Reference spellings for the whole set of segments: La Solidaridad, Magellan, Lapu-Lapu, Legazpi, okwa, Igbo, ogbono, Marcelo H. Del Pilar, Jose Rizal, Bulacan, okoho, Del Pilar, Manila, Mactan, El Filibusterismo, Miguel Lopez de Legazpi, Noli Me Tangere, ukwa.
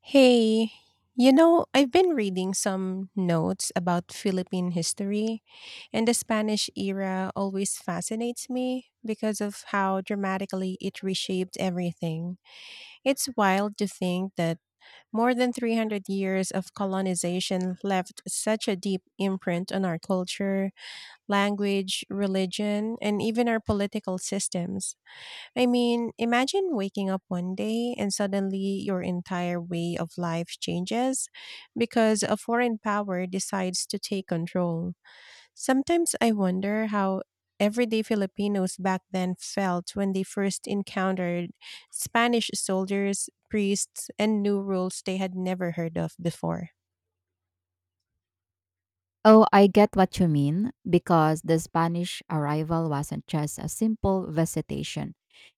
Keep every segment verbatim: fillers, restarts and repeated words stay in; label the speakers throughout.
Speaker 1: Hey, you know, I've been reading some notes about Philippine history, and the Spanish era always fascinates me because of how dramatically it reshaped everything. It's wild to think that more than three hundred years of colonization left such a deep imprint on our culture, language, religion, and even our political systems. I mean, imagine waking up one day and suddenly your entire way of life changes because a foreign power decides to take control. Sometimes I wonder how everyday Filipinos back then felt when they first encountered Spanish soldiers, priests, and new rules they had never heard of before.
Speaker 2: Oh, I get what you mean, because the Spanish arrival wasn't just a simple visitation.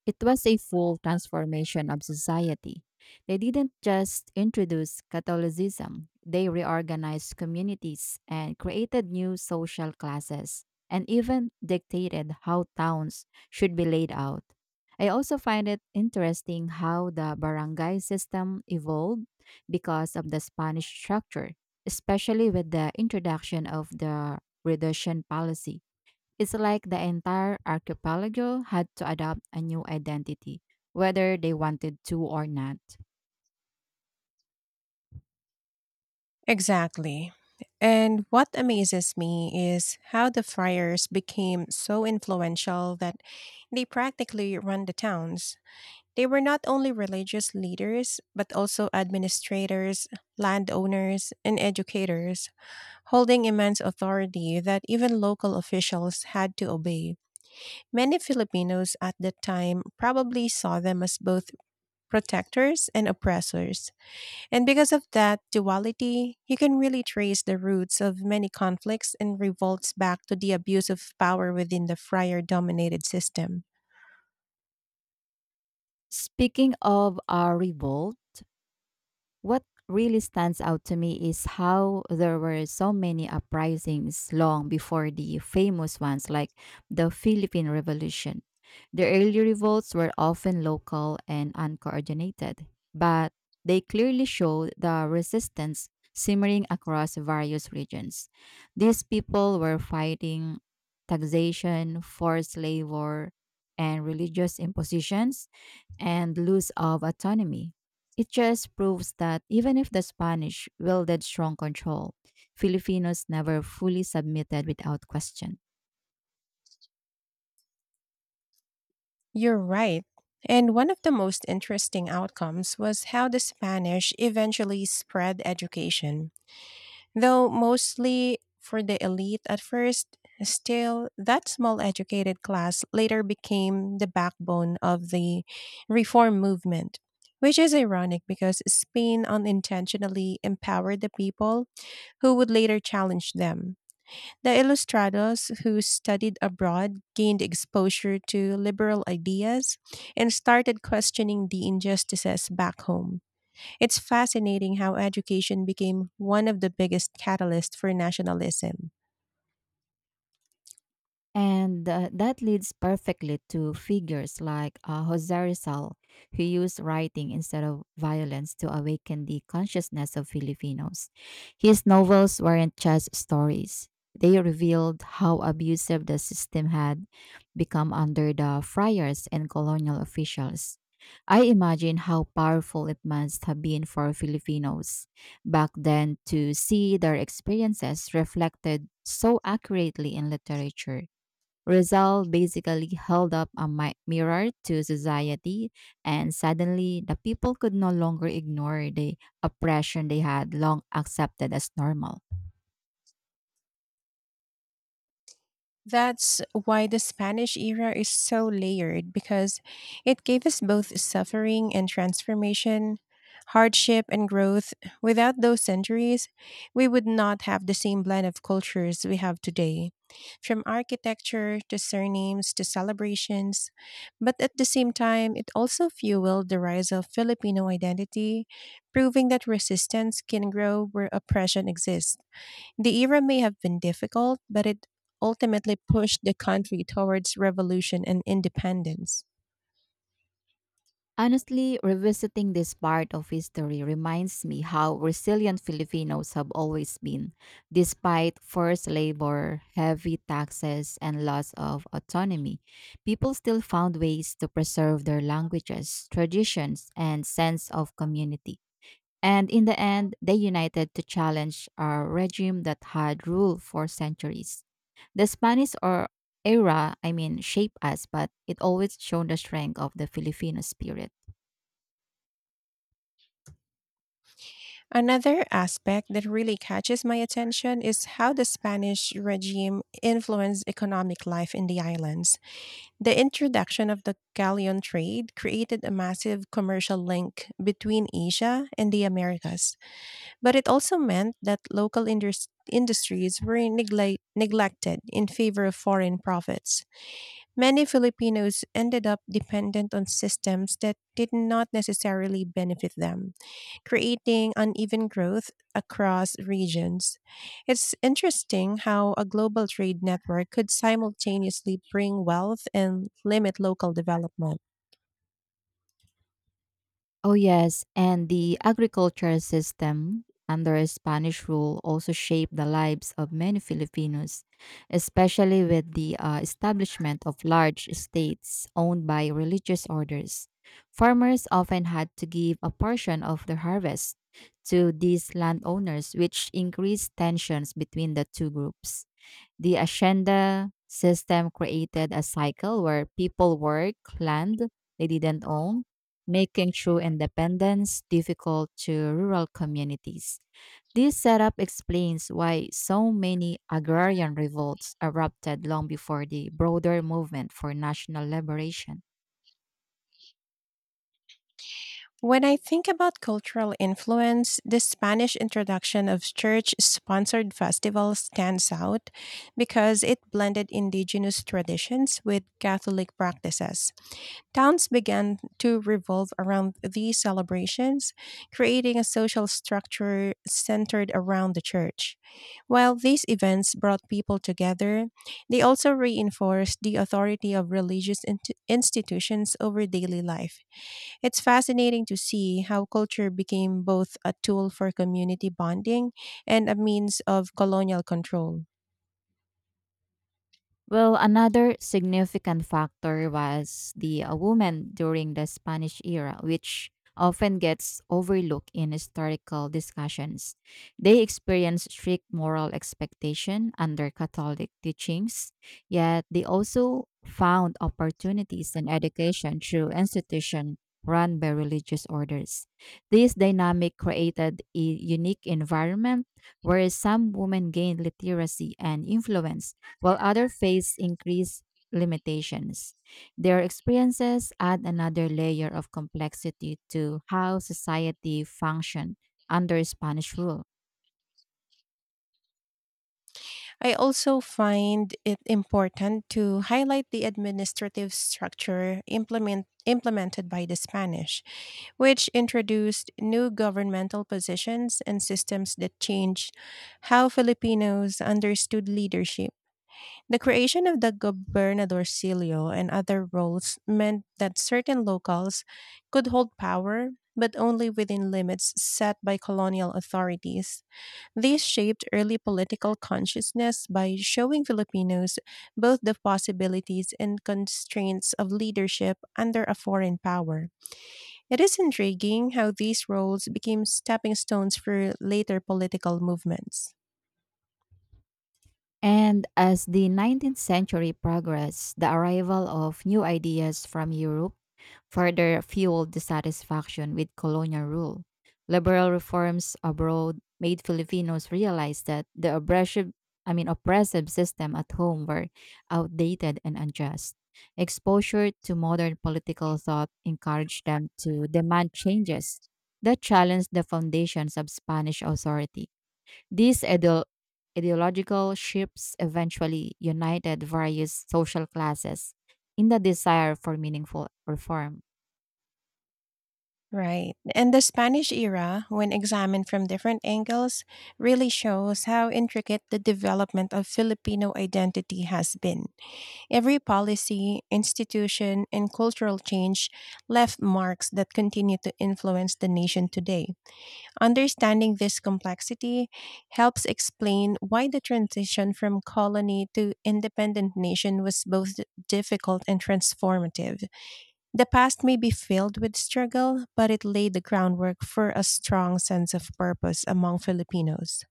Speaker 2: It was a full transformation of society. They didn't just introduce Catholicism, they reorganized communities and created new social classes, and even dictated how towns should be laid out. I also find it interesting how the barangay system evolved because of the Spanish structure, especially with the introduction of the reduction policy. It's like the entire archipelago had to adopt a new identity, whether they wanted to or not.
Speaker 1: Exactly. And what amazes me is how the friars became so influential that they practically run the towns. They were not only religious leaders, but also administrators, landowners, and educators, holding immense authority that even local officials had to obey. Many Filipinos at that time probably saw them as both protectors and oppressors. And because of that duality, you can really trace the roots of many conflicts and revolts back to the abuse of power within the friar dominated system.
Speaker 2: Speaking of a revolt, what really stands out to me is how there were so many uprisings long before the famous ones like the Philippine Revolution. The early revolts were often local and uncoordinated, but they clearly showed the resistance simmering across various regions. These people were fighting taxation, forced labor, and religious impositions and loss of autonomy. It just proves that even if the Spanish wielded strong control, Filipinos never fully submitted without question.
Speaker 1: You're right. And one of the most interesting outcomes was how the Spanish eventually spread education. Though mostly for the elite at first, still, that small educated class later became the backbone of the reform movement, which is ironic because Spain unintentionally empowered the people who would later challenge them. The ilustrados who studied abroad gained exposure to liberal ideas and started questioning the injustices back home. It's fascinating how education became one of the biggest catalysts for nationalism.
Speaker 2: And uh, that leads perfectly to figures like uh, Jose Rizal, who used writing instead of violence to awaken the consciousness of Filipinos. His novels weren't just stories, they revealed how abusive the system had become under the friars and colonial officials. I imagine how powerful it must have been for Filipinos back then to see their experiences reflected so accurately in literature. Rizal basically held up a mi- mirror to society, and suddenly the people could no longer ignore the oppression they had long accepted as normal.
Speaker 1: That's why the Spanish era is so layered, because it gave us both suffering and transformation, hardship and growth. Without those centuries, we would not have the same blend of cultures we have today, from architecture to surnames to celebrations. But at the same time, it also fueled the rise of Filipino identity, proving that resistance can grow where oppression exists. The era may have been difficult, but it ultimately pushed the country towards revolution and independence.
Speaker 2: Honestly, revisiting this part of history reminds me how resilient Filipinos have always been, despite forced labor, heavy taxes, and loss of autonomy. People still found ways to preserve their languages, traditions, and sense of community. And in the end, they united to challenge a regime that had ruled for centuries. The Spanish or era, I mean, shaped us, but it always shown the strength of the Filipino spirit.
Speaker 1: Another aspect that really catches my attention is how the Spanish regime influenced economic life in the islands. The introduction of the galleon trade created a massive commercial link between Asia and the Americas. But it also meant that local indus- industries were neglect- neglected in favor of foreign profits. Many Filipinos ended up dependent on systems that did not necessarily benefit them, creating uneven growth across regions. It's interesting how a global trade network could simultaneously bring wealth and limit local development.
Speaker 2: Oh, yes. And the agricultural system under Spanish rule also shaped the lives of many Filipinos, especially with the uh, establishment of large estates owned by religious orders. Farmers often had to give a portion of their harvest to these landowners, which increased tensions between the two groups. The Ashenda system created a cycle where people worked land they didn't own, making true independence difficult to rural communities. This setup explains why so many agrarian revolts erupted long before the broader movement for national liberation.
Speaker 1: When I think about cultural influence, the Spanish introduction of church sponsored festivals stands out because it blended indigenous traditions with Catholic practices. Towns began to revolve around these celebrations, creating a social structure centered around the church. While these events brought people together, they also reinforced the authority of religious int- institutions over daily life. It's fascinating to see how culture became both a tool for community bonding and a means of colonial control.
Speaker 2: Well, another significant factor was the uh, woman during the Spanish era, which often gets overlooked in historical discussions. They experienced strict moral expectation under Catholic teachings, yet they also found opportunities in education through institutions run by religious orders. This dynamic created a unique environment where some women gained literacy and influence while others face increased limitations. Their experiences add another layer of complexity to how society functioned under Spanish rule.
Speaker 1: I also find it important to highlight the administrative structure implement, implemented by the Spanish, which introduced new governmental positions and systems that changed how Filipinos understood leadership. The creation of the gobernadorcillo and other roles meant that certain locals could hold power, but only within limits set by colonial authorities. This shaped early political consciousness by showing Filipinos both the possibilities and constraints of leadership under a foreign power. It is intriguing how these roles became stepping stones for later political movements.
Speaker 2: And as the nineteenth century progressed, the arrival of new ideas from Europe further fueled dissatisfaction with colonial rule. Liberal reforms abroad made Filipinos realize that the oppressive, I mean, oppressive system at home were outdated and unjust. Exposure to modern political thought encouraged them to demand changes that challenged the foundations of Spanish authority. These ideo- ideological shifts eventually united various social classes in the desire for meaningful reform.
Speaker 1: Right. And the Spanish era, when examined from different angles, really shows how intricate the development of Filipino identity has been. Every policy, institution, and cultural change left marks that continue to influence the nation today. Understanding this complexity helps explain why the transition from colony to independent nation was both difficult and transformative. The past may be filled with struggle, but it laid the groundwork for a strong sense of purpose among Filipinos.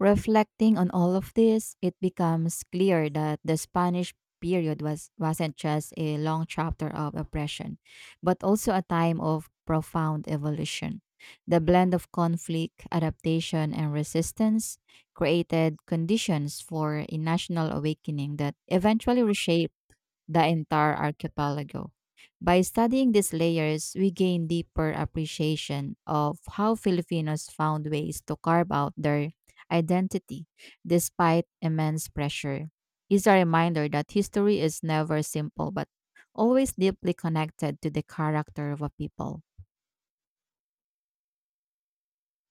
Speaker 2: Reflecting on all of this, it becomes clear that the Spanish period was, wasn't just a long chapter of oppression, but also a time of profound evolution. The blend of conflict, adaptation, and resistance created conditions for a national awakening that eventually reshaped the entire archipelago. By studying these layers, we gain deeper appreciation of how Filipinos found ways to carve out their identity despite immense pressure. It's a reminder that history is never simple but always deeply connected to the character of a people.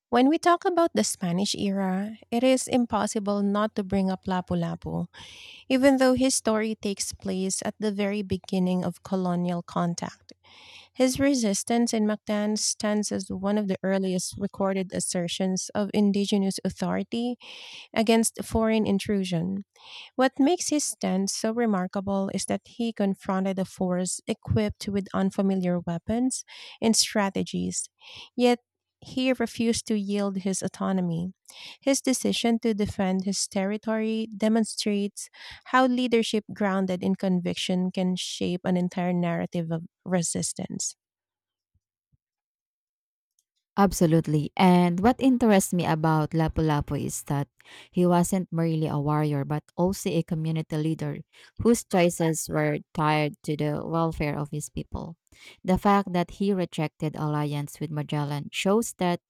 Speaker 1: When we talk about the Spanish era, it is impossible not to bring up Lapu-Lapu, even though his story takes place at the very beginning of colonial contact. His resistance in Mactan stands as one of the earliest recorded assertions of indigenous authority against foreign intrusion. What makes his stand so remarkable is that he confronted a force equipped with unfamiliar weapons and strategies, yet he refused to yield his autonomy. His decision to defend his territory demonstrates how leadership grounded in conviction can shape an entire narrative of resistance.
Speaker 2: Absolutely. And what interests me about Lapu-Lapu is that he wasn't merely a warrior, but also a community leader whose choices were tied to the welfare of his people. The fact that he rejected alliance with Magellan shows that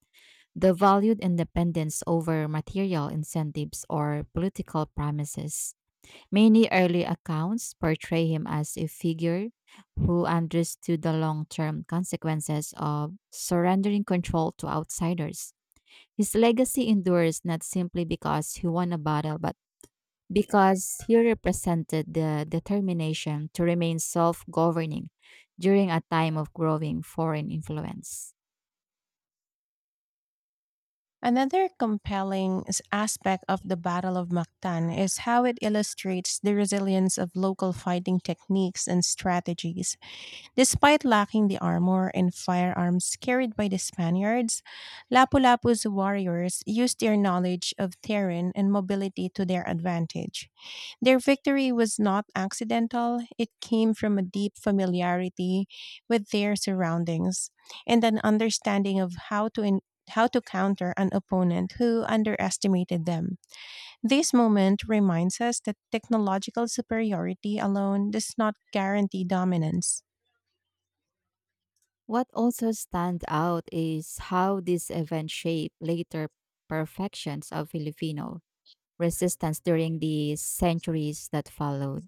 Speaker 2: the valued independence over material incentives or political promises. Many early accounts portray him as a figure who understood the long term consequences of surrendering control to outsiders. His legacy endures not simply because he won a battle, but because he represented the determination to remain self governing during a time of growing foreign influence.
Speaker 1: Another compelling s- aspect of the Battle of Mactan is how it illustrates the resilience of local fighting techniques and strategies. Despite lacking the armor and firearms carried by the Spaniards, Lapu-Lapu's warriors used their knowledge of terrain and mobility to their advantage. Their victory was not accidental, it came from a deep familiarity with their surroundings and an understanding of how to en- how to counter an opponent who underestimated them. This moment reminds us that technological superiority alone does not guarantee dominance.
Speaker 2: What also stands out is how this event shaped later perfections of Filipino resistance during the centuries that followed.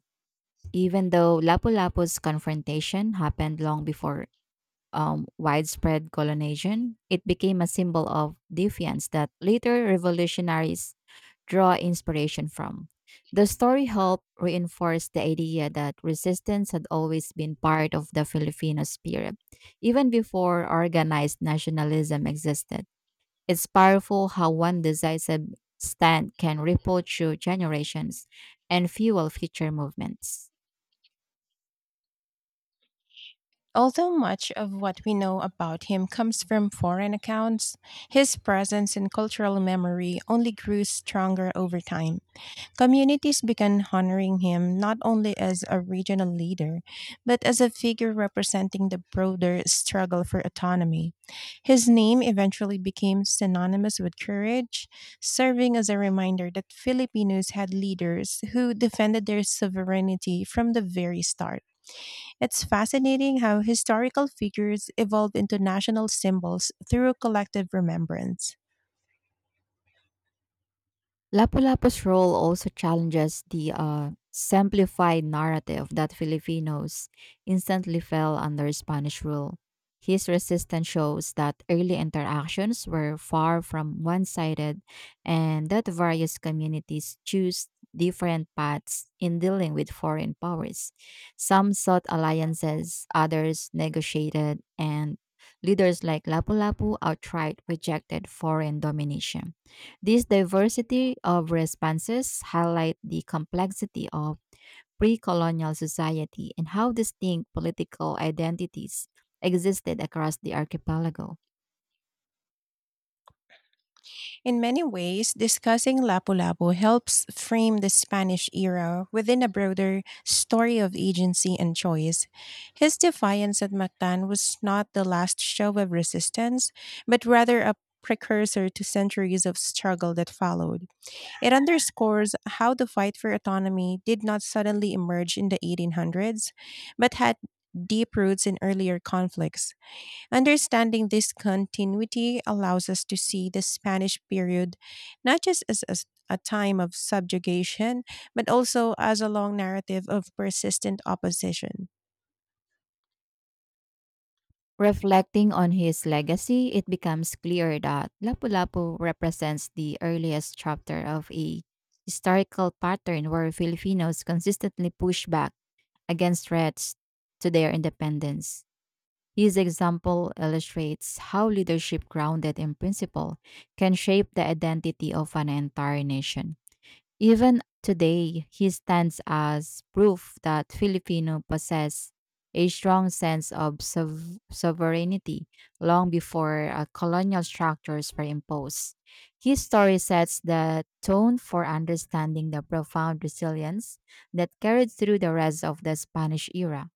Speaker 2: Even though Lapu-Lapu's confrontation happened long before um, widespread colonization, it became a symbol of defiance that later revolutionaries draw inspiration from. The story helped reinforce the idea that resistance had always been part of the Filipino spirit, even before organized nationalism existed. It's powerful how one decisive stand can ripple through generations and fuel future movements.
Speaker 1: Although much of what we know about him comes from foreign accounts, his presence in cultural memory only grew stronger over time. Communities began honoring him not only as a regional leader, but as a figure representing the broader struggle for autonomy. His name eventually became synonymous with courage, serving as a reminder that Filipinos had leaders who defended their sovereignty from the very start. It's fascinating how historical figures evolve into national symbols through collective remembrance.
Speaker 2: Lapu-Lapu's role also challenges the uh, simplified narrative that Filipinos instantly fell under Spanish rule. His resistance shows that early interactions were far from one sided and that various communities choose different paths in dealing with foreign powers. Some sought alliances, others negotiated, and leaders like Lapu-Lapu outright rejected foreign domination. This diversity of responses highlight the complexity of pre-colonial society and how distinct political identities existed across the archipelago.
Speaker 1: In many ways, discussing Lapu-Lapu helps frame the Spanish era within a broader story of agency and choice. His defiance at Mactan was not the last show of resistance, but rather a precursor to centuries of struggle that followed. It underscores how the fight for autonomy did not suddenly emerge in the eighteen hundreds, but had deep roots in earlier conflicts. Understanding this continuity allows us to see the Spanish period not just as a, a time of subjugation, but also as a long narrative of persistent opposition.
Speaker 2: Reflecting on his legacy, it becomes clear that Lapu-Lapu represents the earliest chapter of a historical pattern where Filipinos consistently push back against threats to their independence. His example illustrates how leadership grounded in principle can shape the identity of an entire nation. Even today, he stands as proof that Filipino possess a strong sense of sov- sovereignty long before uh, colonial structures were imposed. His story sets the tone for understanding the profound resilience that carried through the rest of the Spanish era.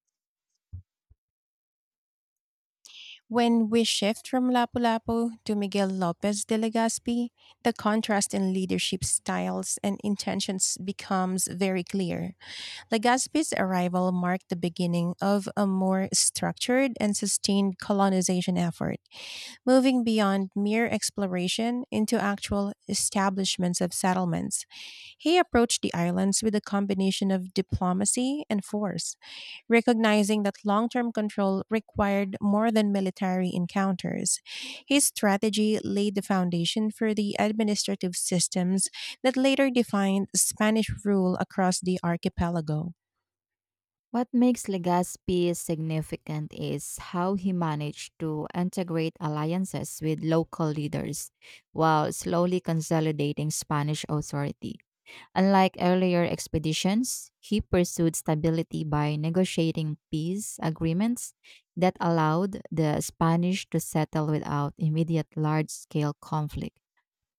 Speaker 1: When we shift from Lapu-Lapu to Miguel Lopez de Legazpi, the contrast in leadership styles and intentions becomes very clear. Legazpi's arrival marked the beginning of a more structured and sustained colonization effort, moving beyond mere exploration into actual establishments of settlements. He approached the islands with a combination of diplomacy and force, recognizing that long term control required more than military encounters. His strategy laid the foundation for the administrative systems that later defined Spanish rule across the archipelago.
Speaker 2: What makes Legazpi significant is how he managed to integrate alliances with local leaders while slowly consolidating Spanish authority. Unlike earlier expeditions, he pursued stability by negotiating peace agreements that allowed the Spanish to settle without immediate large scale conflict.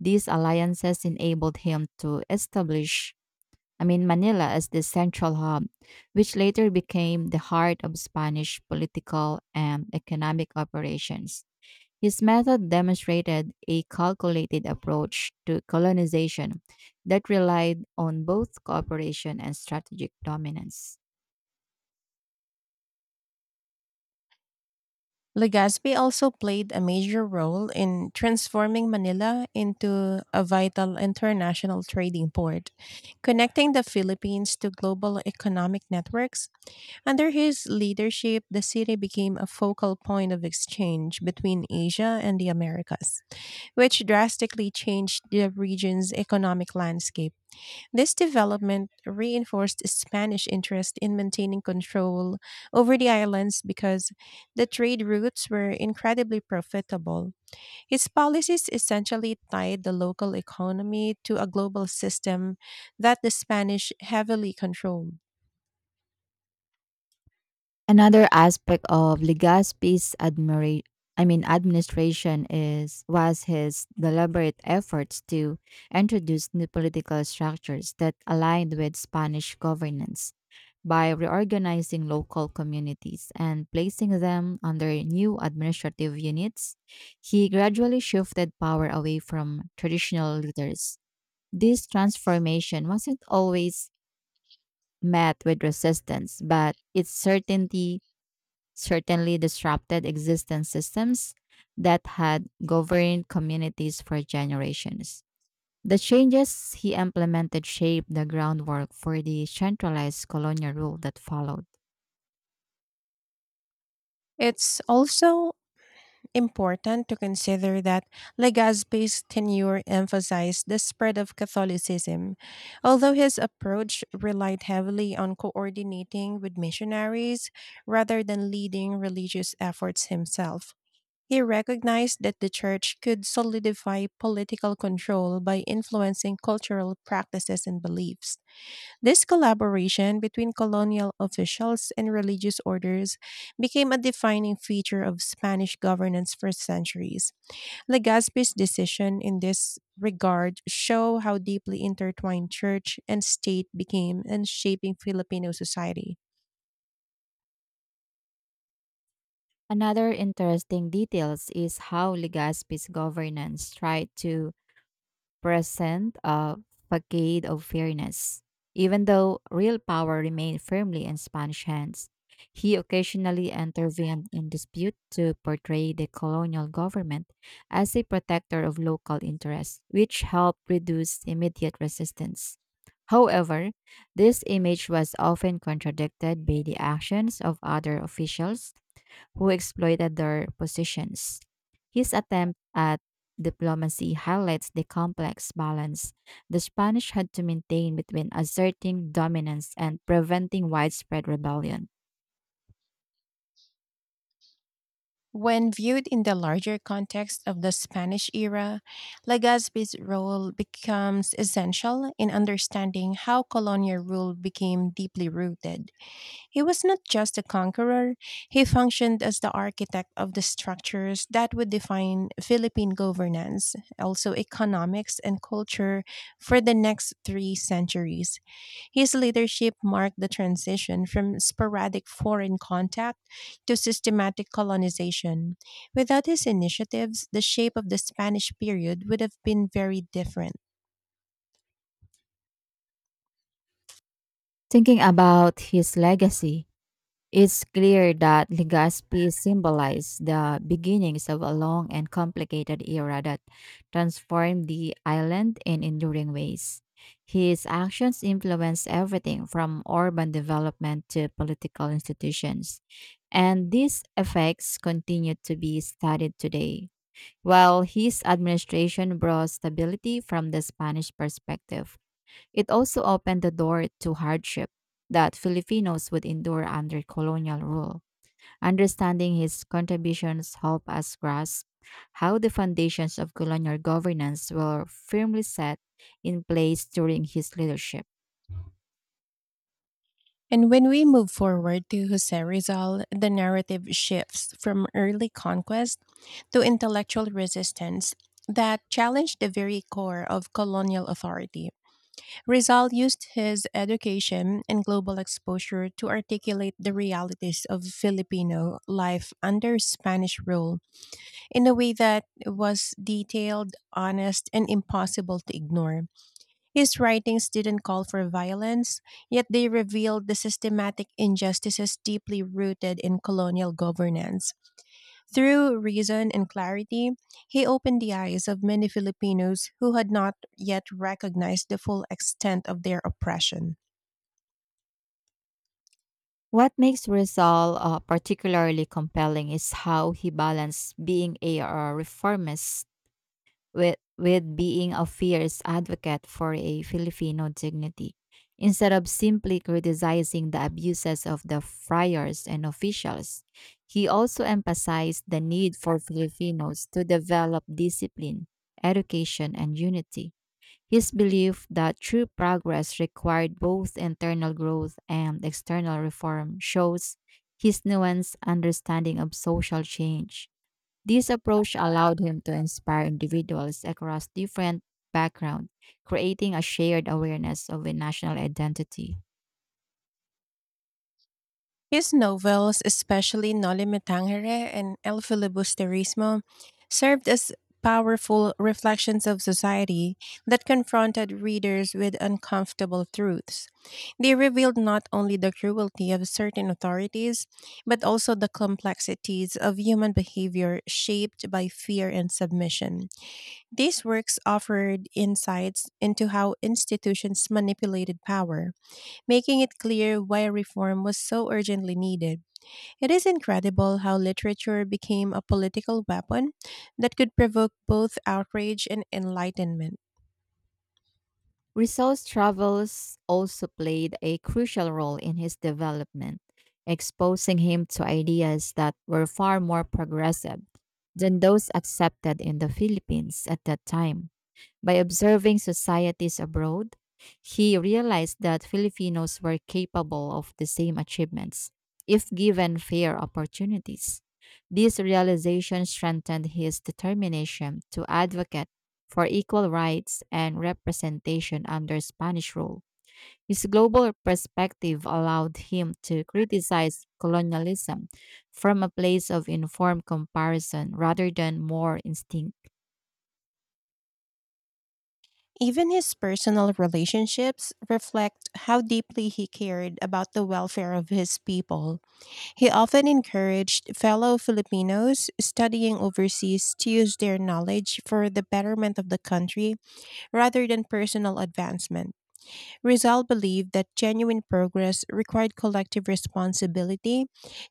Speaker 2: These alliances enabled him to establish, I mean, Manila as the central hub, which later became the heart of Spanish political and economic operations. His method demonstrated a calculated approach to colonization that relied on both cooperation and strategic dominance.
Speaker 1: Legazpi also played a major role in transforming Manila into a vital international trading port, connecting the Philippines to global economic networks. Under his leadership, the city became a focal point of exchange between Asia and the Americas, which drastically changed the region's economic landscape. This development reinforced Spanish interest in maintaining control over the islands, because the trade routes were incredibly profitable. His policies essentially tied the local economy to a global system that the Spanish heavily controlled.
Speaker 2: Another aspect of Legazpi's admira- I mean administration is was his deliberate efforts to introduce new political structures that aligned with Spanish governance by reorganizing local communities and placing them under new administrative units, he gradually shifted power away from traditional leaders. This transformation wasn't always met with resistance, but its certainty certainly disrupted existing systems that had governed communities for generations. The changes he implemented shaped the groundwork for the centralized colonial rule that followed.
Speaker 1: It's also important to consider that Legazpi's tenure emphasized the spread of Catholicism. Although his approach relied heavily on coordinating with missionaries rather than leading religious efforts himself, he recognized that the church could solidify political control by influencing cultural practices and beliefs. This collaboration between colonial officials and religious orders became a defining feature of Spanish governance for centuries. Legazpi's decision in this regard show how deeply intertwined church and state became in shaping Filipino society.
Speaker 2: Another interesting detail is how Legazpi's governance tried to present a facade of fairness. Even though real power remained firmly in Spanish hands, he occasionally intervened in dispute to portray the colonial government as a protector of local interests, which helped reduce immediate resistance. However, this image was often contradicted by the actions of other officials who exploited their positions. His attempt at diplomacy highlights the complex balance the Spanish had to maintain between asserting dominance and preventing widespread rebellion.
Speaker 1: When viewed in the larger context of the Spanish era, Legazpi's role becomes essential in understanding how colonial rule became deeply rooted. He was not just a conqueror, he functioned as the architect of the structures that would define Philippine governance, also economics and culture, for the next three centuries. His leadership marked the transition from sporadic foreign contact to systematic colonization. Without his initiatives, the shape of the Spanish period would have been very different.
Speaker 2: Thinking about his legacy, it's clear that Legazpi symbolized the beginnings of a long and complicated era that transformed the island in enduring ways. His actions influenced everything from urban development to political institutions, and these effects continue to be studied today, while his administration brought stability from the Spanish perspective. It also opened the door to hardship that Filipinos would endure under colonial rule. Understanding his contributions help us grasp how the foundations of colonial governance were firmly set in place during his leadership.
Speaker 1: And when we move forward to Jose Rizal, the narrative shifts from early conquest to intellectual resistance that challenged the very core of colonial authority. Rizal used his education and global exposure to articulate the realities of Filipino life under Spanish rule in a way that was detailed, honest, and impossible to ignore. His writings didn't call for violence, yet they revealed the systematic injustices deeply rooted in colonial governance. Through reason and clarity, he opened the eyes of many Filipinos who had not yet recognized the full extent of their oppression.
Speaker 2: What makes Rizal uh, particularly compelling is how he balanced being a uh, reformist with with being a fierce advocate for a Filipino dignity instead of simply criticizing the abuses of the friars and officials. He also emphasized the need for Filipinos to develop discipline, education, and unity. His belief that true progress required both internal growth and external reform shows his nuanced understanding of social change. This approach allowed him to inspire individuals across different backgrounds, creating a shared awareness of a national identity.
Speaker 1: His novels, especially Noli Me Tangere and El Filibusterismo, served as powerful reflections of society that confronted readers with uncomfortable truths. They revealed not only the cruelty of certain authorities, but also the complexities of human behavior shaped by fear and submission. These works offered insights into how institutions manipulated power, making it clear why reform was so urgently needed. It is incredible how literature became a political weapon that could provoke both outrage and enlightenment.
Speaker 2: Rousseau's travels also played a crucial role in his development, exposing him to ideas that were far more progressive than those accepted in the Philippines at that time. By observing societies abroad, he realized that Filipinos were capable of the same achievements if given fair opportunities. This realization strengthened his determination to advocate for equal rights and representation under Spanish rule. His global perspective allowed him to criticize colonialism from a place of informed comparison rather than more instinct.
Speaker 1: Even his personal relationships reflect how deeply he cared about the welfare of his people. He often encouraged fellow Filipinos studying overseas to use their knowledge for the betterment of the country rather than personal advancement. Rizal believed that genuine progress required collective responsibility,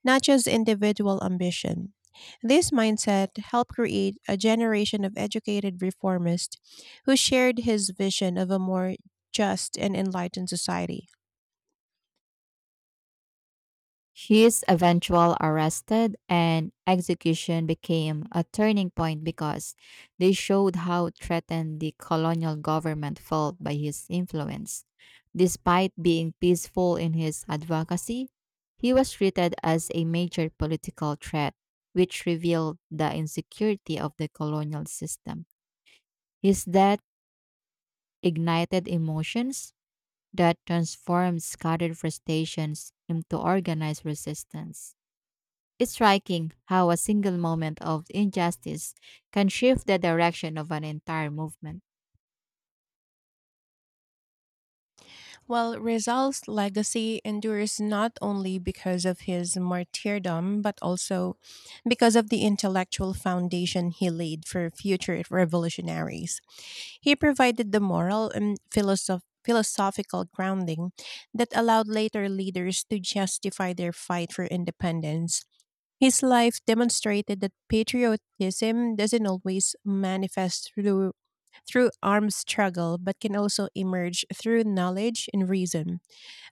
Speaker 1: not just individual ambition. This mindset helped create a generation of educated reformists who shared his vision of a more just and enlightened society.
Speaker 2: His eventual arrest and execution became a turning point because they showed how threatened the colonial government felt by his influence. Despite being peaceful in his advocacy, he was treated as a major political threat, which revealed the insecurity of the colonial system. His death ignited emotions that transformed scattered frustrations into organized resistance. It's striking how a single moment of injustice can shift the direction of an entire movement.
Speaker 1: Well, Rizal's legacy endures not only because of his martyrdom, but also because of the intellectual foundation he laid for future revolutionaries. He provided the moral and philosoph- philosophical grounding that allowed later leaders to justify their fight for independence. His life demonstrated that patriotism doesn't always manifest through through armed struggle, but can also emerge through knowledge and reason.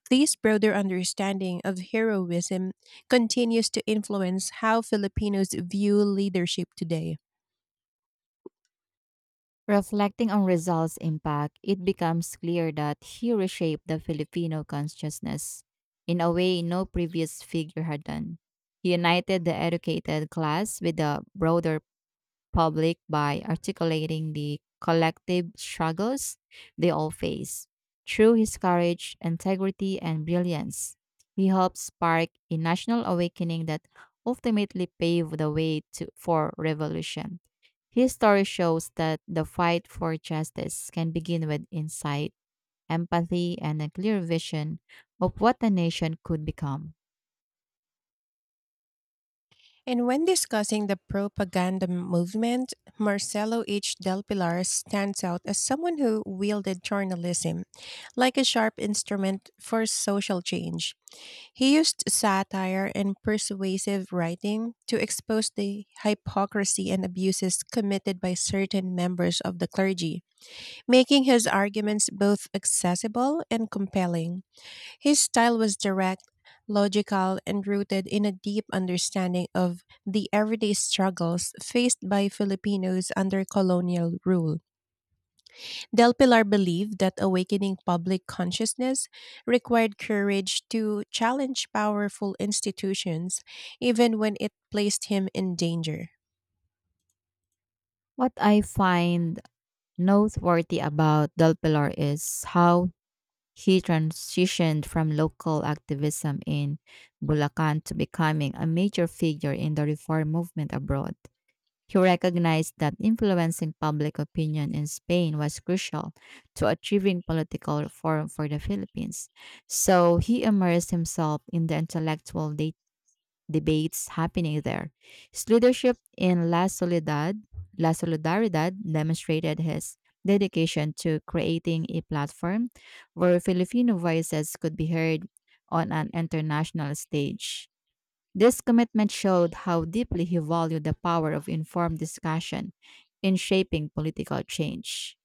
Speaker 1: This broader understanding of heroism continues to influence how Filipinos view leadership today.
Speaker 2: Reflecting on Rizal's impact, it becomes clear that he reshaped the Filipino consciousness in a way no previous figure had done. He united the educated class with the broader public by articulating the collective struggles they all face. Through his courage, integrity, and brilliance, he helped spark a national awakening that ultimately paved the way to, for revolution. His story shows that the fight for justice can begin with insight, empathy, and a clear vision of what a nation could become.
Speaker 1: And when discussing the propaganda movement, Marcelo H. Del Pilar stands out as someone who wielded journalism like a sharp instrument for social change. He used satire and persuasive writing to expose the hypocrisy and abuses committed by certain members of the clergy, making his arguments both accessible and compelling. His style was direct, logical, and rooted in a deep understanding of the everyday struggles faced by Filipinos under colonial rule. Del Pilar believed that awakening public consciousness required courage to challenge powerful institutions, even when it placed him in danger.
Speaker 2: What I find noteworthy about Del Pilar is how he transitioned from local activism in Bulacan to becoming a major figure in the reform movement abroad. He recognized that influencing public opinion in Spain was crucial to achieving political reform for the Philippines. So he immersed himself in the intellectual debates happening there. His leadership in La Soledad, La Solidaridad demonstrated his dedication to creating a platform where Filipino voices could be heard on an international stage. This commitment showed how deeply he valued the power of informed discussion in shaping political change.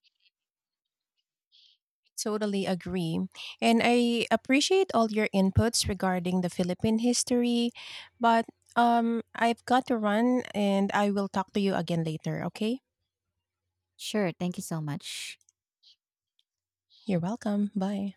Speaker 1: Totally agree. And I appreciate all your inputs regarding the Philippine history, but um I've got to run, and I will talk to you again later, okay?
Speaker 2: Sure, thank you so much.
Speaker 1: You're welcome. Bye.